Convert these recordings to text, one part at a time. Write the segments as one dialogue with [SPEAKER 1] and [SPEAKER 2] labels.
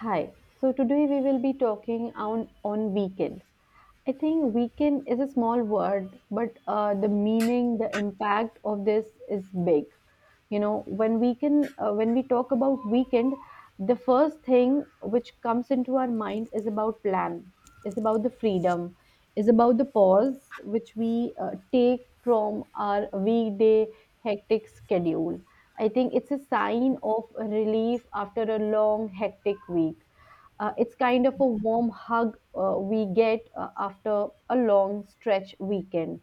[SPEAKER 1] Hi. So today we will be talking on weekend. I think weekend is a small word, but the meaning, the impact of this is big. When we talk about weekend, the first thing which comes into our mind is about plan, is about the freedom, is about the pause which we take from our weekday hectic schedule. I think it's a sign of relief after a long, hectic week. It's kind of a warm hug we get after a long stretch weekend.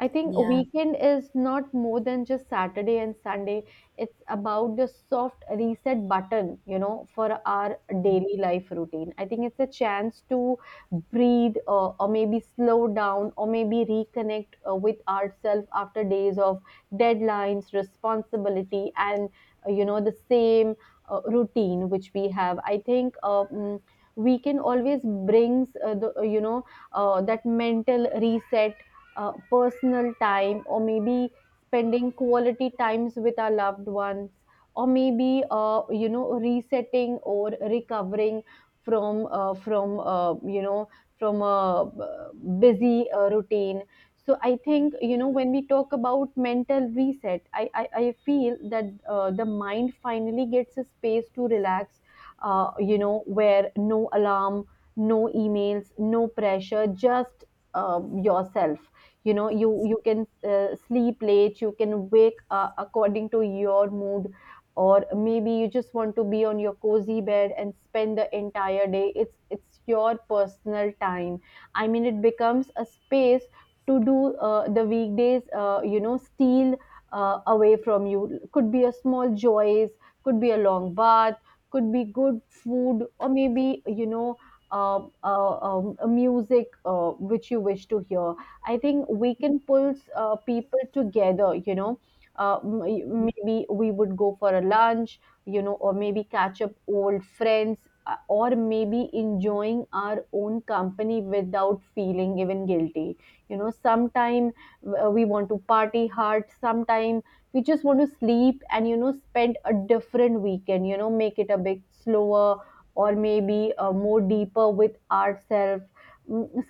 [SPEAKER 1] I think a
[SPEAKER 2] Yeah,
[SPEAKER 1] weekend is not more than just Saturday and Sunday. It's about the soft reset button, for our daily life routine. I think it's a chance to breathe or maybe slow down or maybe reconnect with ourselves after days of deadlines, responsibility, and the same routine which we have. I think. Weekend always brings the you know that mental reset, personal time, or maybe spending quality times with our loved ones, or maybe resetting or recovering from you know from a busy routine. So I think when we talk about mental reset, I feel that the mind finally gets a space to relax where no alarm, no emails, no pressure, just yourself. You can sleep late, you can wake according to your mood, or maybe you just want to be on your cozy bed and spend the entire day. It's your personal time. I mean, it becomes a space to do the weekdays steal away from you. Could be a small joys, could be a long bath, could be good food, or maybe a music which you wish to hear. I think we can pull people together, you know. Maybe we would go for a lunch, or maybe catch up old friends, or maybe enjoying our own company without feeling even guilty. Sometime we want to party hard, sometime we just want to sleep and, spend a different weekend, make it a bit slower, or maybe more deeper with ourselves.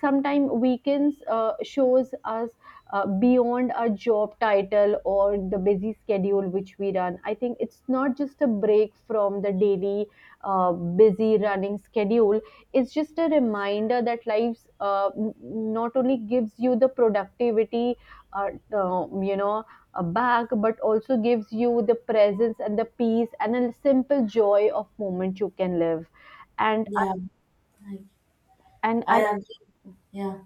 [SPEAKER 1] Sometimes weekends shows us beyond our job title or the busy schedule which we run. I think it's not just a break from the daily busy running schedule. It's just a reminder that life not only gives you the productivity uh, um, you know back but also gives you the presence and the peace and a simple joy of moment you can live. and
[SPEAKER 2] yeah, I,
[SPEAKER 1] and
[SPEAKER 2] I
[SPEAKER 1] I
[SPEAKER 2] agree. Yeah,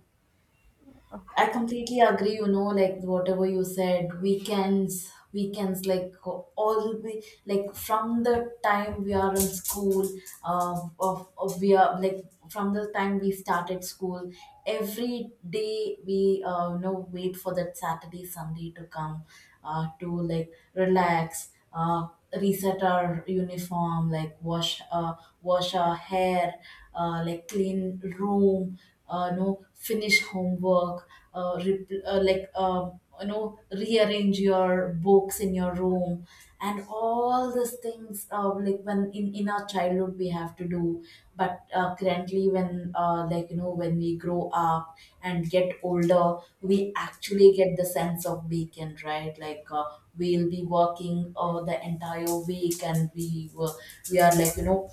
[SPEAKER 2] I completely agree. You know, like whatever you said, weekends, like all the like from the time we are in school, of we are like from the time we started school, every day we wait for that Saturday, Sunday to come, to like relax, reset our uniform, like wash wash our hair, like clean room, no finish homework, like rearrange your books in your room, and all these things like when in our childhood we have to do. But currently, when like you know when we grow up and get older, we actually get the sense of weekend, right? Like we'll be working the entire week, and we are like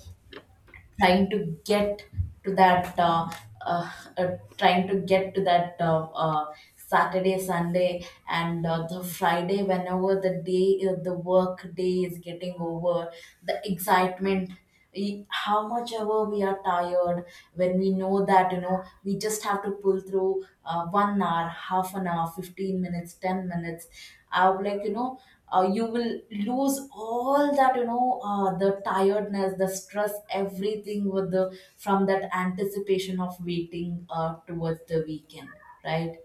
[SPEAKER 2] trying to get to that trying to get to that Saturday Sunday, and the Friday, whenever the day, the work day, is getting over, the excitement, how much ever we are tired, when we know that, you know we just have to pull through 1 hour, half an hour, 15 minutes, 10 minutes, I would like you know you will lose all that, the tiredness, the stress, everything, with the from that anticipation of waiting towards the weekend, right?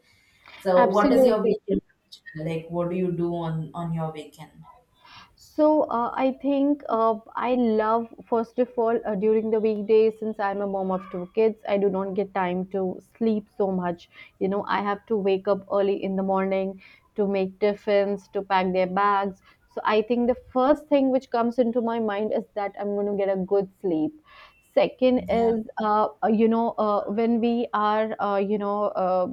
[SPEAKER 2] So what is your
[SPEAKER 1] absolutely.
[SPEAKER 2] weekend routine? Like what do you do on your weekend?
[SPEAKER 1] So I think I love, first of all, during the weekdays, since I'm a mom of two kids, I do not get time to sleep so much. I have to wake up early in the morning to make tiffins, to pack their bags. So I think the first thing which comes into my mind is that I'm going to get a good sleep. Second
[SPEAKER 2] Yeah,
[SPEAKER 1] is, when we are,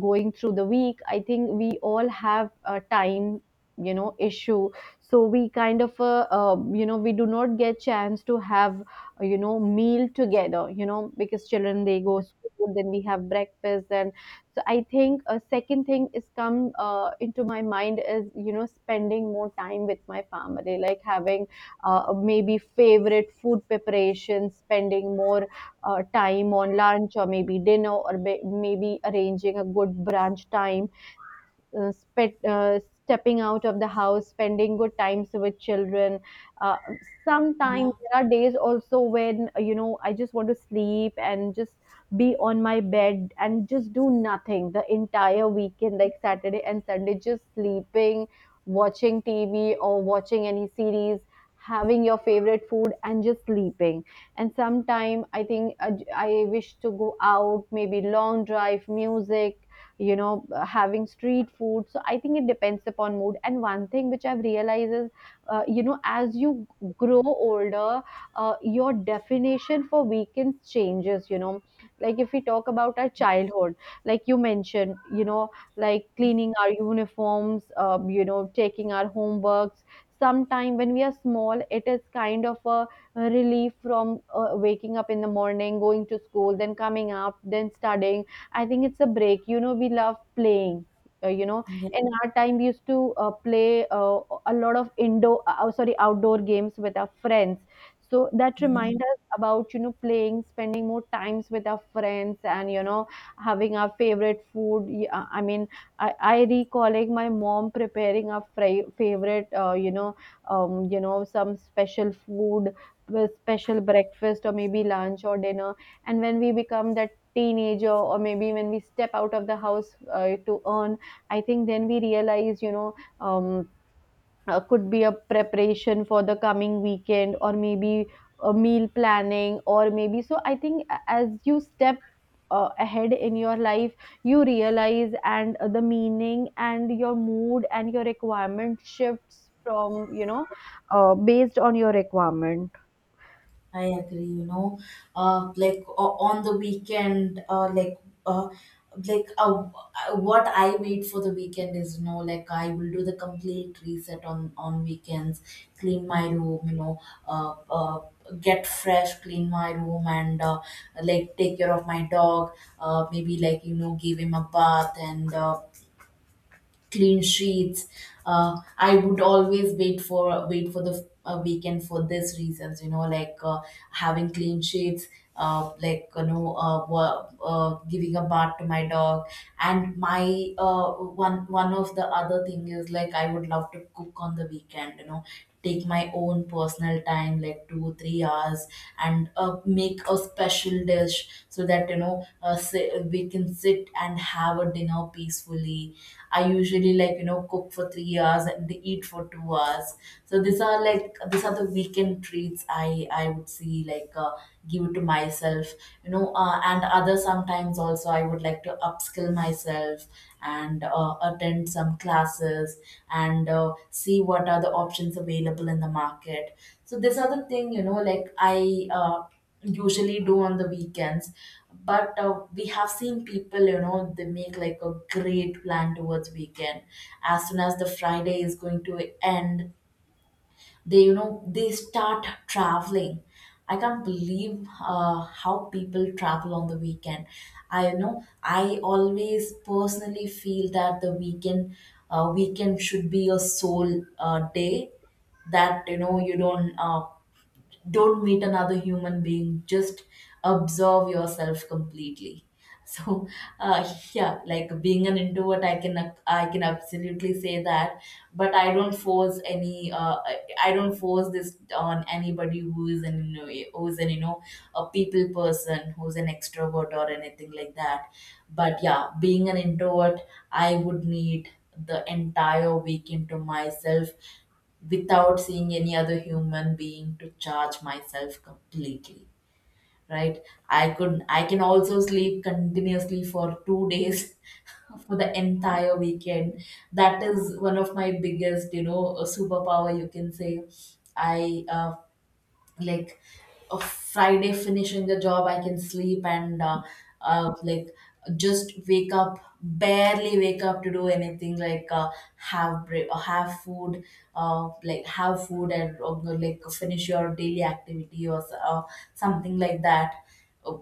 [SPEAKER 1] going through the week, I think we all have time issues. So we kind of we do not get chance to have meal together because children they go school, then we have breakfast, and so I think a second thing is come into my mind is spending more time with my family, like having maybe favorite food preparation, spending more time on lunch or maybe dinner, or maybe arranging a good brunch time, stepping out of the house, spending good times with children. Uh, sometimes
[SPEAKER 2] yeah,
[SPEAKER 1] there are days also when I just want to sleep and just be on my bed and just do nothing the entire weekend, like Saturday and Sunday, just sleeping, watching TV or watching any series. Having your favorite food and just sleeping, and sometime I think I wish to go out, maybe long drive, music, having street food. So I think it depends upon mood, and one thing which I've realized is as you grow older, your definition for weekends changes. Like if we talk about our childhood, like you mentioned, like cleaning our uniforms, taking our homeworks, sometime when we are small, it is kind of a relief from waking up in the morning, going to school, then coming up, then studying. I think it's a break. We love playing. Uh, you know,
[SPEAKER 2] yeah,
[SPEAKER 1] in our time, we used to play a lot of indoor, oh, sorry, outdoor games with our friends. So that
[SPEAKER 2] yeah.
[SPEAKER 1] remind us about playing, spending more times with our friends, and having our favorite food. I mean, I recalling my mom preparing our favorite, some special food, with special breakfast or maybe lunch or dinner. And when we become that teenager, or maybe when we step out of the house to earn, I think then we realize, um, could be a preparation for the coming weekend, or maybe a meal planning or maybe. So I think as you step ahead in your life, you realize and the meaning and your mood and your requirement shifts from based on your requirement.
[SPEAKER 2] I agree, you know, like on the weekend, like, uh, like, what I wait for the weekend is, like, I will do the complete reset on weekends, clean my room, uh, uh, get fresh, clean my room, and like take care of my dog, maybe, like, give him a bath. And clean sheets. I would always wait for the weekend for these reasons. You know, like having clean sheets, like, giving a bath to my dog. And my one of the other thing is, like, I would love to cook on the weekend. You know, take my own personal time, like 2-3 hours, and make a special dish so that, we can sit and have a dinner peacefully. I usually, like, cook for 3 hours and eat for 2 hours. So these are like the weekend treats I would see, like, give to myself. You know, and other sometimes also I would like to upskill myself, and attend some classes, and see what are the options available in the market. So this other thing, like, I usually do on the weekends. But we have seen people, they make like a great plan towards weekend. As soon as the Friday is going to end, they you know they start traveling. I can't believe how people travel on the weekend. I you know i always personally feel that the weekend should be a sole day, that, you don't meet another human being, just observe yourself completely. So yeah, like being an introvert, I can absolutely say that. But I don't force any I don't force this on anybody who is an, who is an you know a people person, who's an extrovert or anything like that. But yeah, being an introvert, I would need the entire weekend to myself, without seeing any other human being, to charge myself completely, right? I can also sleep continuously for 2 days, for the entire weekend. That is one of my biggest, superpower, you can say. I, like, a Friday, finishing the job, I can sleep, and like, just wake up, barely wake up to do anything, like have break or have food, like have food, and like finish your daily activity, or something like that,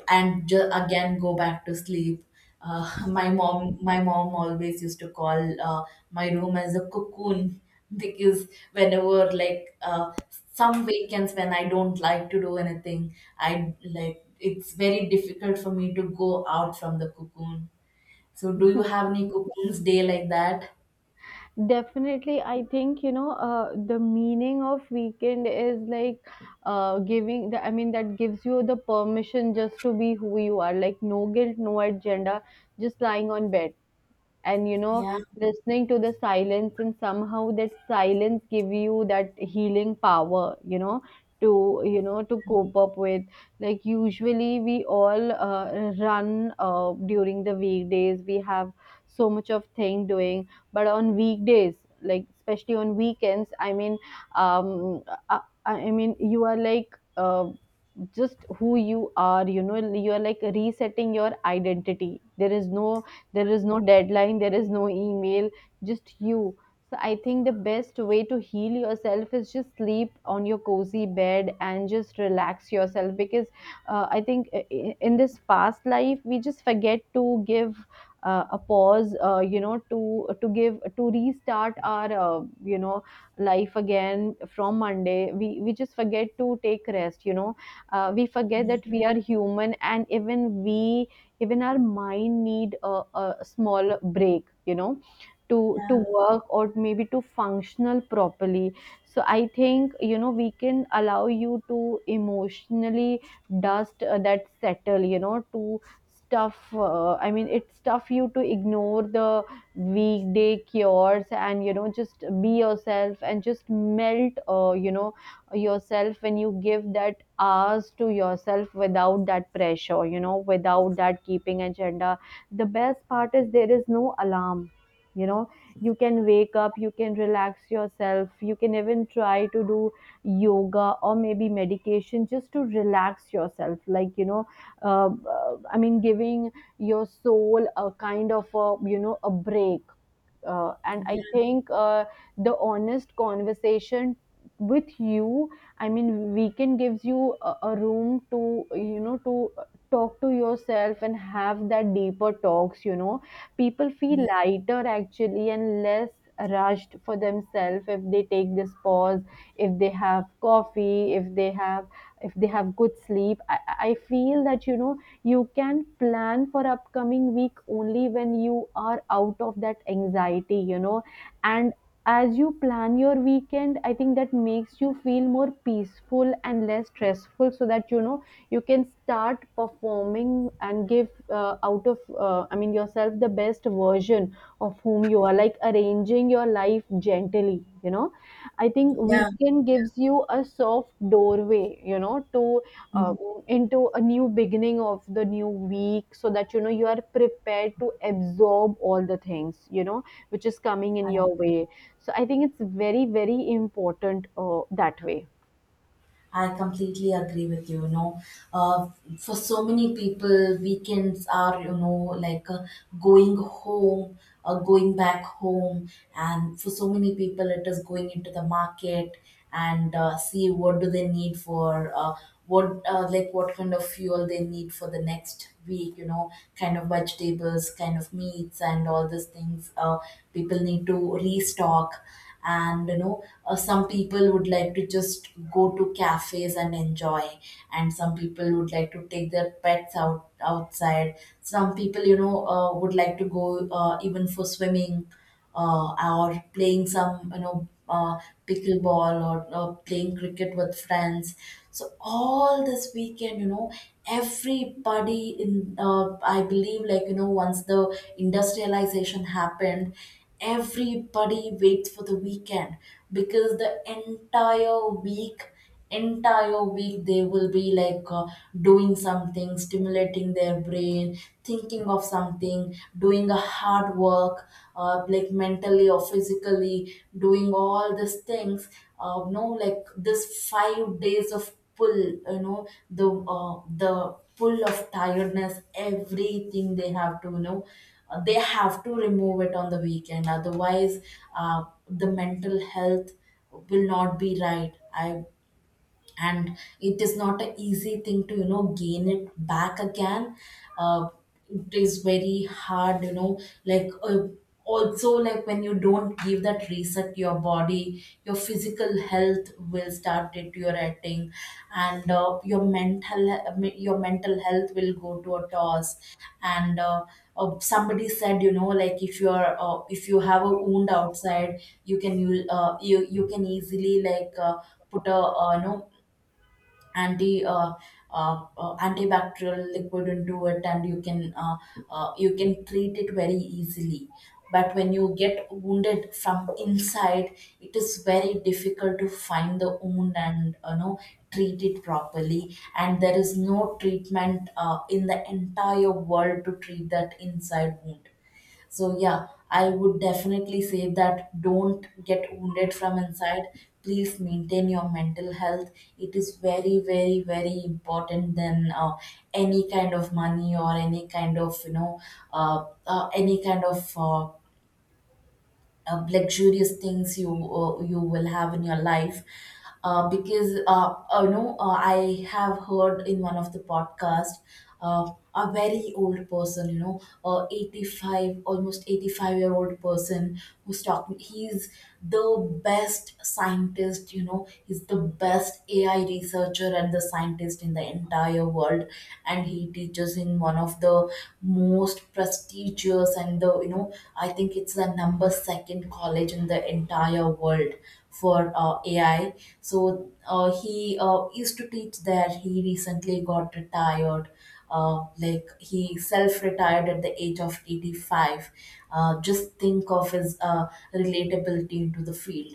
[SPEAKER 2] and again go back to sleep. My mom always used to call my room as a cocoon. Because whenever, like, some weekends when I don't like to do anything, I like it's very difficult for me to go out from the cocoon. So do you have any cocoons day like that?
[SPEAKER 1] Definitely, I think the meaning of weekend is like giving. I mean, that gives you the permission just to be who you are. Like no guilt, no agenda, just lying on bed, and
[SPEAKER 2] Yeah,
[SPEAKER 1] listening to the silence, and somehow that silence give you that healing power to to cope up with, like usually we all run during the weekdays, we have so much of thing doing, but on weekdays, like especially on weekends, I mean, um uh, you are like just who you are. You are like resetting your identity, there is no deadline, there is no email, just you. So I think the best way to heal yourself is just sleep on your cozy bed and just relax yourself, because I think in this fast life, we just forget to give a pause, to give, to restart our you know life again. From Monday, we just forget to take rest, we forget
[SPEAKER 2] yeah,
[SPEAKER 1] that we are human, and even our mind need a small break, to
[SPEAKER 2] yeah,
[SPEAKER 1] work, or maybe to functional properly. So I think we can allow you to emotionally dust that settle, to stuff, I mean it's tough you to ignore the weekday cures, and just be yourself, and just melt yourself when you give that hours to yourself without that pressure, without that keeping agenda. The best part is there is no alarm. you know you can wake up, you can relax yourself, you can even try to do yoga or maybe medication just to relax yourself, like I mean giving your soul a kind of a a break, and I
[SPEAKER 2] yeah,
[SPEAKER 1] think the honest conversation with you, I mean, weekend gives you a room to, to talk to yourself and have that deeper talks. People feel
[SPEAKER 2] yeah,
[SPEAKER 1] lighter actually and less rushed for themselves if they take this pause, if they have coffee, if they have good sleep. I feel that, you can plan for upcoming week only when you are out of that anxiety, and as you plan your weekend, I think that makes you feel more peaceful and less stressful, so that, you can start performing and give out of I mean yourself the best version of whom you are, like arranging your life gently, you know I think
[SPEAKER 2] yeah.
[SPEAKER 1] weekend gives you a soft doorway, to uh, into a new beginning of the new week, so that, you are prepared to absorb all the things, which is coming in
[SPEAKER 2] I
[SPEAKER 1] your
[SPEAKER 2] agree.
[SPEAKER 1] way. So I think it's very very important that way.
[SPEAKER 2] I completely agree with you. You know, uh, for so many people, weekends are, like going home, going back home, and for so many people, it is going into the market, and see what do they need for what like what kind of fuel they need for the next week. You know, kind of vegetables, kind of meats, and all these things. People need to restock. And, some people would like to just go to cafes and enjoy, and some people would like to take their pets out outside, some people, would like to go even for swimming, uh, or playing some, pickleball, or playing cricket with friends. So all this weekend, everybody in I believe, like, once the industrialization happened, everybody waits for the weekend, because the entire week they will be like, doing something, stimulating their brain, thinking of something, doing a hard work, like mentally or physically, doing all these things. No, like, this 5 days of pull, uh, the pull of tiredness, everything, they have to, they have to remove it on the weekend. Otherwise, the mental health will not be right. I and it is not an easy thing to, gain it back again. uh, it is very hard, you know, like also, like when you don't give that reset to your body, your physical health will start deteriorating. And your mental, your mental health will go to a toss. And somebody said, like, if you're if you have a wound outside, you can easily, like, put a anti uh, antibacterial liquid into it, and you can treat it very easily. But when you get wounded from inside, it is very difficult to find the wound and, treat it properly. And there is no treatment in the entire world to treat that inside wound. So yeah, I would definitely say that don't get wounded from inside. Please maintain your mental health. It is very, very, very important than any kind of money or any kind of, any kind of luxurious things you will have in your life. Because, I have heard in one of the podcast, a very old person, 85, almost 85-year-old person, who's talking. He's the best scientist, he's the best AI researcher and the scientist in the entire world, and he teaches in one of the most prestigious teachers, and, the you know I think it's the number second college in the entire world for AI. So he used to teach there. He recently got retired. uh, like, he self-retired at the age of 85. Just think of his relatability into the field,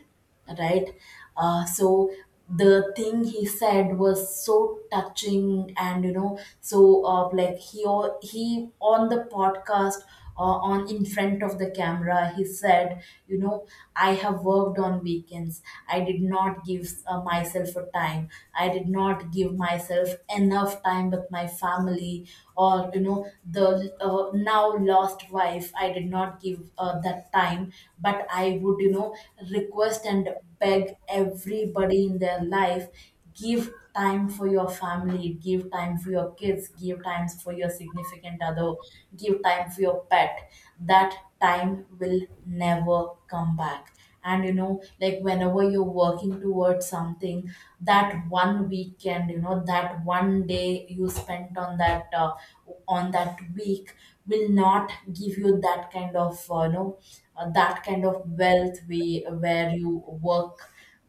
[SPEAKER 2] right? So the thing he said was so touching. And, so like, he on the podcast, on in front of the camera, he said, I have worked on weekends. I did not give myself a time. I did not give myself enough time with my family, or, the now lost wife. I did not give that time, but I would, request and beg everybody in their life. Give time for your family, give time for your kids, give times for your significant other, give time for your pet. That time will never come back. And you know, like, whenever you're working towards something, that one weekend, you know, that 1 day you spent on that on that week will not give you that kind of that kind of wealth we where you work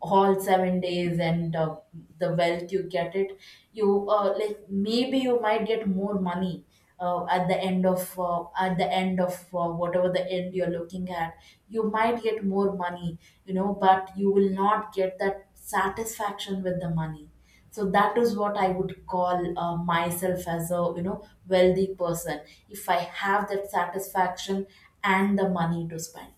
[SPEAKER 2] all 7 days. And the wealth you get it, you like, maybe you might get more money at the end of whatever the end you're looking at, you might get more money, you know, but you will not get that satisfaction with the money. So that is what I would call myself as a, you know, wealthy person, if I have that satisfaction and the money to spend.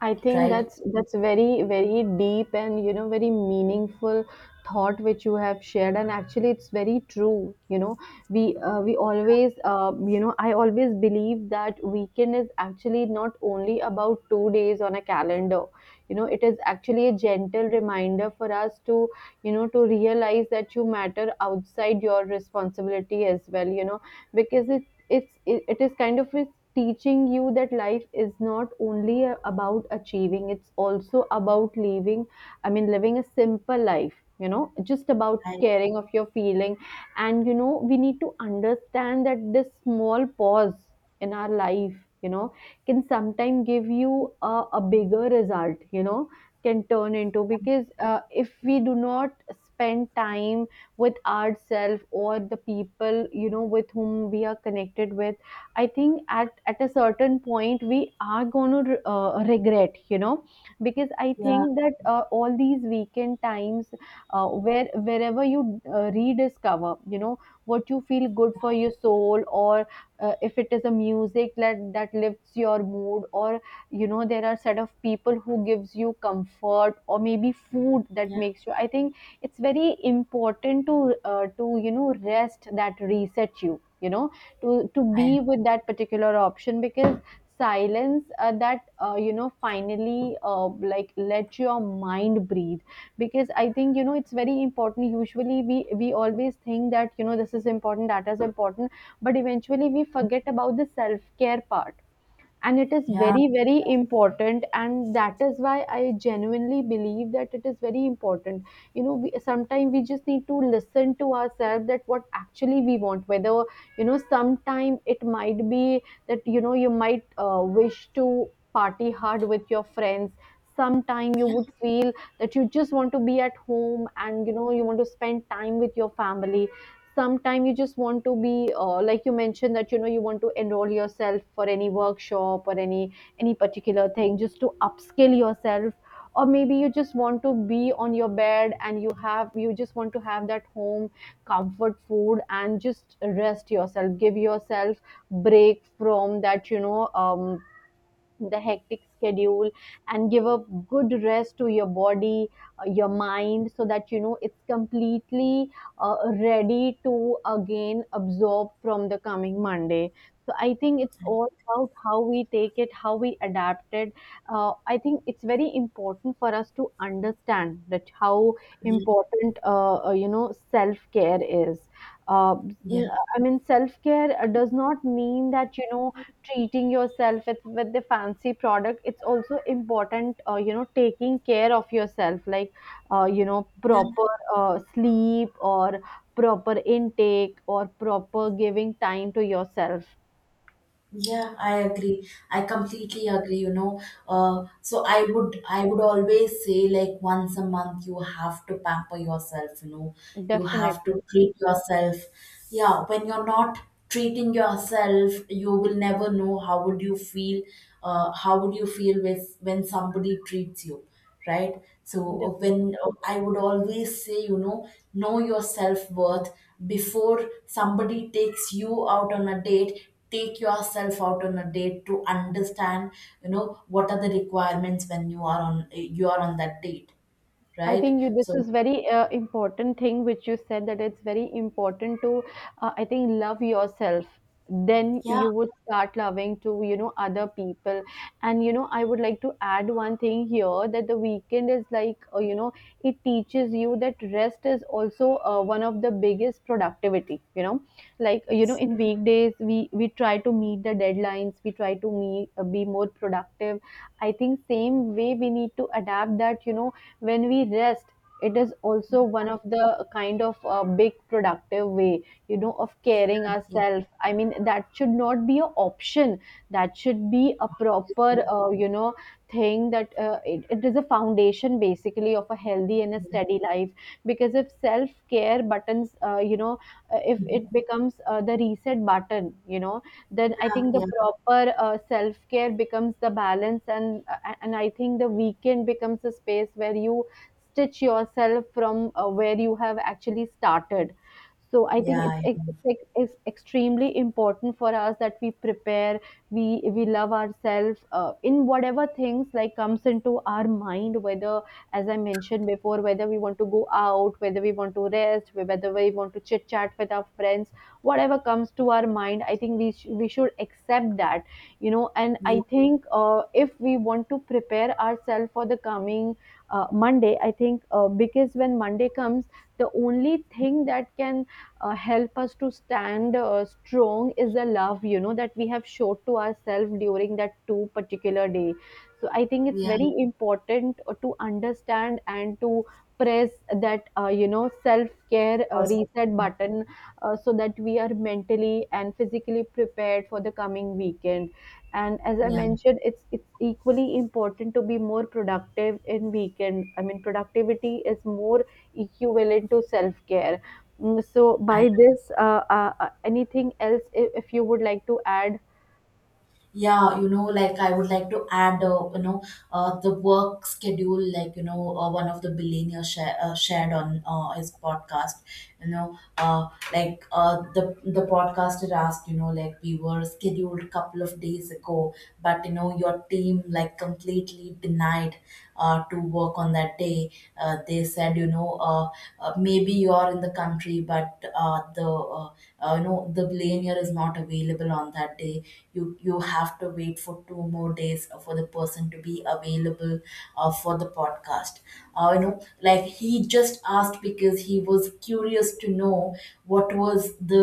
[SPEAKER 1] I think
[SPEAKER 2] Right.
[SPEAKER 1] that's very very deep and, very meaningful thought which you have shared, and actually it's very true, we always I always believe that weekend is actually not only about 2 days on a calendar. You know, it is actually a gentle reminder for us to, to realize that you matter outside your responsibility as well, because the it's it, it is kind of it's teaching you that life is not only about achieving, it's also about living. I mean, living a simple life, just about
[SPEAKER 2] I,
[SPEAKER 1] caring of your feeling. And, we need to understand that this small pause in our life, you know can sometimes give you a bigger result, can turn into, because if we do not spend time with ourselves, or the people, with whom we are connected with. I think at a certain point we are going to regret, because I
[SPEAKER 2] yeah,
[SPEAKER 1] think that all these weekend times where wherever you rediscover, what you feel good for your soul, or if it is a music that lifts your mood, or, there are set of people who gives you comfort, or maybe food that
[SPEAKER 2] yeah.
[SPEAKER 1] makes you. I think it's very important to you know rest that reset you, you know, to
[SPEAKER 2] I, am
[SPEAKER 1] be with that particular option, because silence that you know finally like let your mind breathe. Because, I think, you know, it's very important. Usually we always think that, you know, this is important, that is important, but eventually we forget about the self care part, and it is
[SPEAKER 2] Yeah,
[SPEAKER 1] very very important, and that is why I genuinely believe that it is very important. You know, sometimes we just need to listen to ourselves, that what actually we want, whether, you know, sometime it might be that, you know, you might wish to party hard with your friends. Sometime you would feel that you just want to be at home and, you know, you want to spend time with your family. Sometime you just want to be like you mentioned, that, you know, you want to enroll yourself for any workshop, or any particular thing, just to upskill yourself. Or maybe you just want to be on your bed, and you have you just want to have that home comfort food, and just rest yourself, give yourself break from that, the hectic schedule, and give a good rest to your body, your mind, so that, you know, it's completely ready to again absorb from the coming Monday. So I think it's all about how we take it, how we adapt it. I think it's very important for us to understand that how
[SPEAKER 2] yeah,
[SPEAKER 1] important you know self care is. uh,
[SPEAKER 2] yeah.
[SPEAKER 1] I mean, self care does not mean that, you know, treating yourself with the fancy product. It's also important, you know, taking care of yourself, like you know, proper sleep, or proper intake, or proper giving time to yourself.
[SPEAKER 2] Yeah, I agree. I completely agree, you know. So I would always say, like, once a month you have to pamper yourself, you know. You have
[SPEAKER 1] Definitely.
[SPEAKER 2] to treat yourself. Yeah, when you're not treating yourself, you will never know how would you feel, how would you feel with when somebody treats you, right? So,
[SPEAKER 1] Definitely.
[SPEAKER 2] when I would always say, you know your self-worth before somebody takes you out on a date. Take yourself out on a date to understand, you know, what are the requirements when you are on, you are on that date,
[SPEAKER 1] I
[SPEAKER 2] right?
[SPEAKER 1] think you this
[SPEAKER 2] So,
[SPEAKER 1] is very important thing which you said, that it's very important to I think love yourself, then
[SPEAKER 2] yeah,
[SPEAKER 1] you would start loving to, you know, other people. And, you know, I would like to add one thing here, that the weekend is like, it teaches you that rest is also one of the biggest productivity, you know. Like, you know, in weekdays we try to meet the deadlines, we try to meet, be more productive. I think same way we need to adapt that, you know, when we rest, it is also one of the kind of big productive way, you know, of caring
[SPEAKER 2] yeah,
[SPEAKER 1] ourselves. I mean, that should not be an option, that should be a proper, thing, that it is a foundation basically of a healthy and a
[SPEAKER 2] yeah,
[SPEAKER 1] steady life. Because if self care buttons if it becomes the reset button, you know, then I
[SPEAKER 2] yeah,
[SPEAKER 1] think the
[SPEAKER 2] yeah, yeah,
[SPEAKER 1] proper self care becomes the balance, and I think the weekend becomes a space where you stitch yourself from, where you have actually started. So I think it's,
[SPEAKER 2] yeah, yeah, yeah,
[SPEAKER 1] it's, it's it's extremely important for us that we prepare, we love ourselves in whatever things like comes into our mind, whether, as I mentioned before, whether we want to go out, whether we want to rest, whether we want to chit chat with our friends, whatever comes to our mind. I think we should accept that, you know. And I think if we want to prepare ourselves for the coming Monday, I think because when Monday comes, the only thing that can help us to stand strong is the love, you know, that we have showed to ourselves during that two particular day. So I think it's
[SPEAKER 2] yeah, yeah,
[SPEAKER 1] very important to understand and to press that, self care reset button, so that we are mentally and physically prepared for the coming weekend. And as I
[SPEAKER 2] yeah.
[SPEAKER 1] mentioned, it's equally important to be more productive in weekend. I mean, productivity is more equivalent to self care. So
[SPEAKER 2] I
[SPEAKER 1] by this, anything else, if you would like to add?
[SPEAKER 2] Yeah, you know, like, I would like to add, the work schedule, like, you know, one of the billionaire shared on his podcast, you know. The podcaster asked, you know, like, we were scheduled a couple of days ago, but, you know, your team like completely denied to work on that day. They said, you know, maybe you are in the country, but the uh, you know, the lanyard is not available on that day. You have to wait for 2 more days for the person to be available for the podcast. uh, you know like, he just asked because he was curious to know what was the,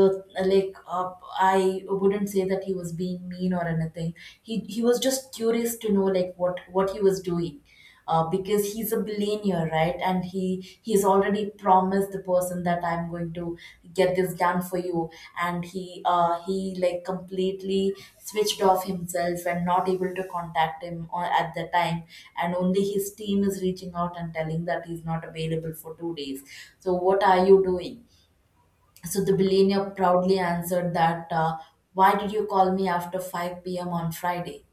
[SPEAKER 2] like I wouldn't say that he was being mean or anything. He was just curious to know like what he was doing, because he's a billionaire, right? And he's already promised the person that I'm going to get this done for you, and he like completely switched off himself and not able to contact him at the time, and only his team is reaching out and telling that he's not available for 2 days. So what are you doing? So the billionaire proudly answered that, "Why did you call me after 5 p.m. on Friday?"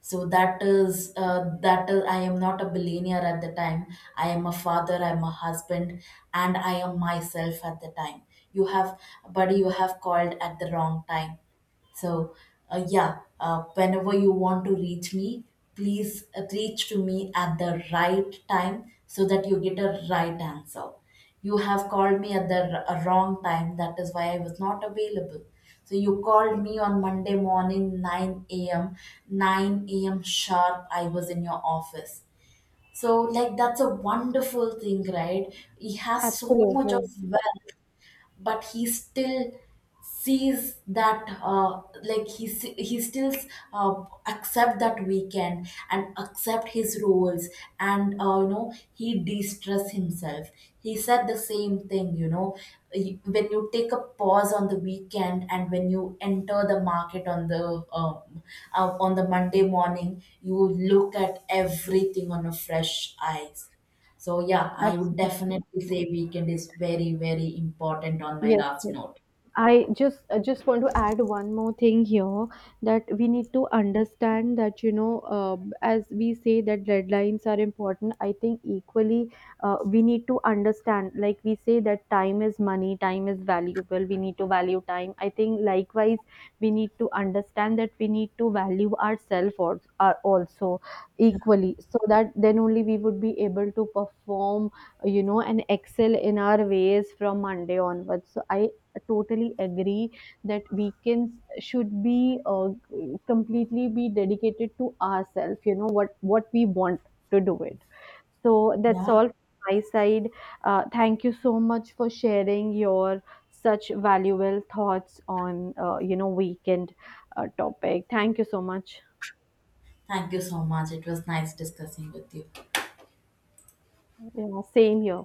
[SPEAKER 2] So that is I am not a billionaire at the time. I am a father, I am a husband, and I am myself at the time. You have, buddy, you have called at the wrong time. So, yeah, whenever you want to reach me, please reach to me at the right time so that you get a right answer. You have called me at the a wrong time, that is why I was not available. So, you called me on Monday morning, 9 a.m., 9 a.m. sharp, I was in your office. So, like, that's a wonderful thing, right? It has so much
[SPEAKER 1] Absolutely.
[SPEAKER 2] of wealth, but he still sees that, he still accept that weekend and accept his roles. And you know, he de-stress himself. He said the same thing, you know. When you take a pause on the weekend and when you enter the market on the Monday morning, you look at everything on a fresh eyes. So yeah, I would
[SPEAKER 1] Absolutely.
[SPEAKER 2] definitely say weekend is very, very important on my
[SPEAKER 1] Yes,
[SPEAKER 2] last
[SPEAKER 1] yes.
[SPEAKER 2] note.
[SPEAKER 1] I just want to add one more thing here, that we need to understand that, you know, as we say that deadlines are important. I think equally we need to understand, like we say that time is money, time is valuable. We need to value time. I think likewise we need to understand that we need to value ourselves are also equally, so that then only we would be able to perform, you know, and excel in our ways from Monday onwards. So I totally agree that weekends should be completely be dedicated to ourselves, you know, what we want to do it. So that's
[SPEAKER 2] Yeah.
[SPEAKER 1] all from my side. Thank you so much for sharing your such valuable thoughts on, weekend topic. Thank you so much.
[SPEAKER 2] Thank you so much. It was nice discussing with you.
[SPEAKER 1] Yeah, same here.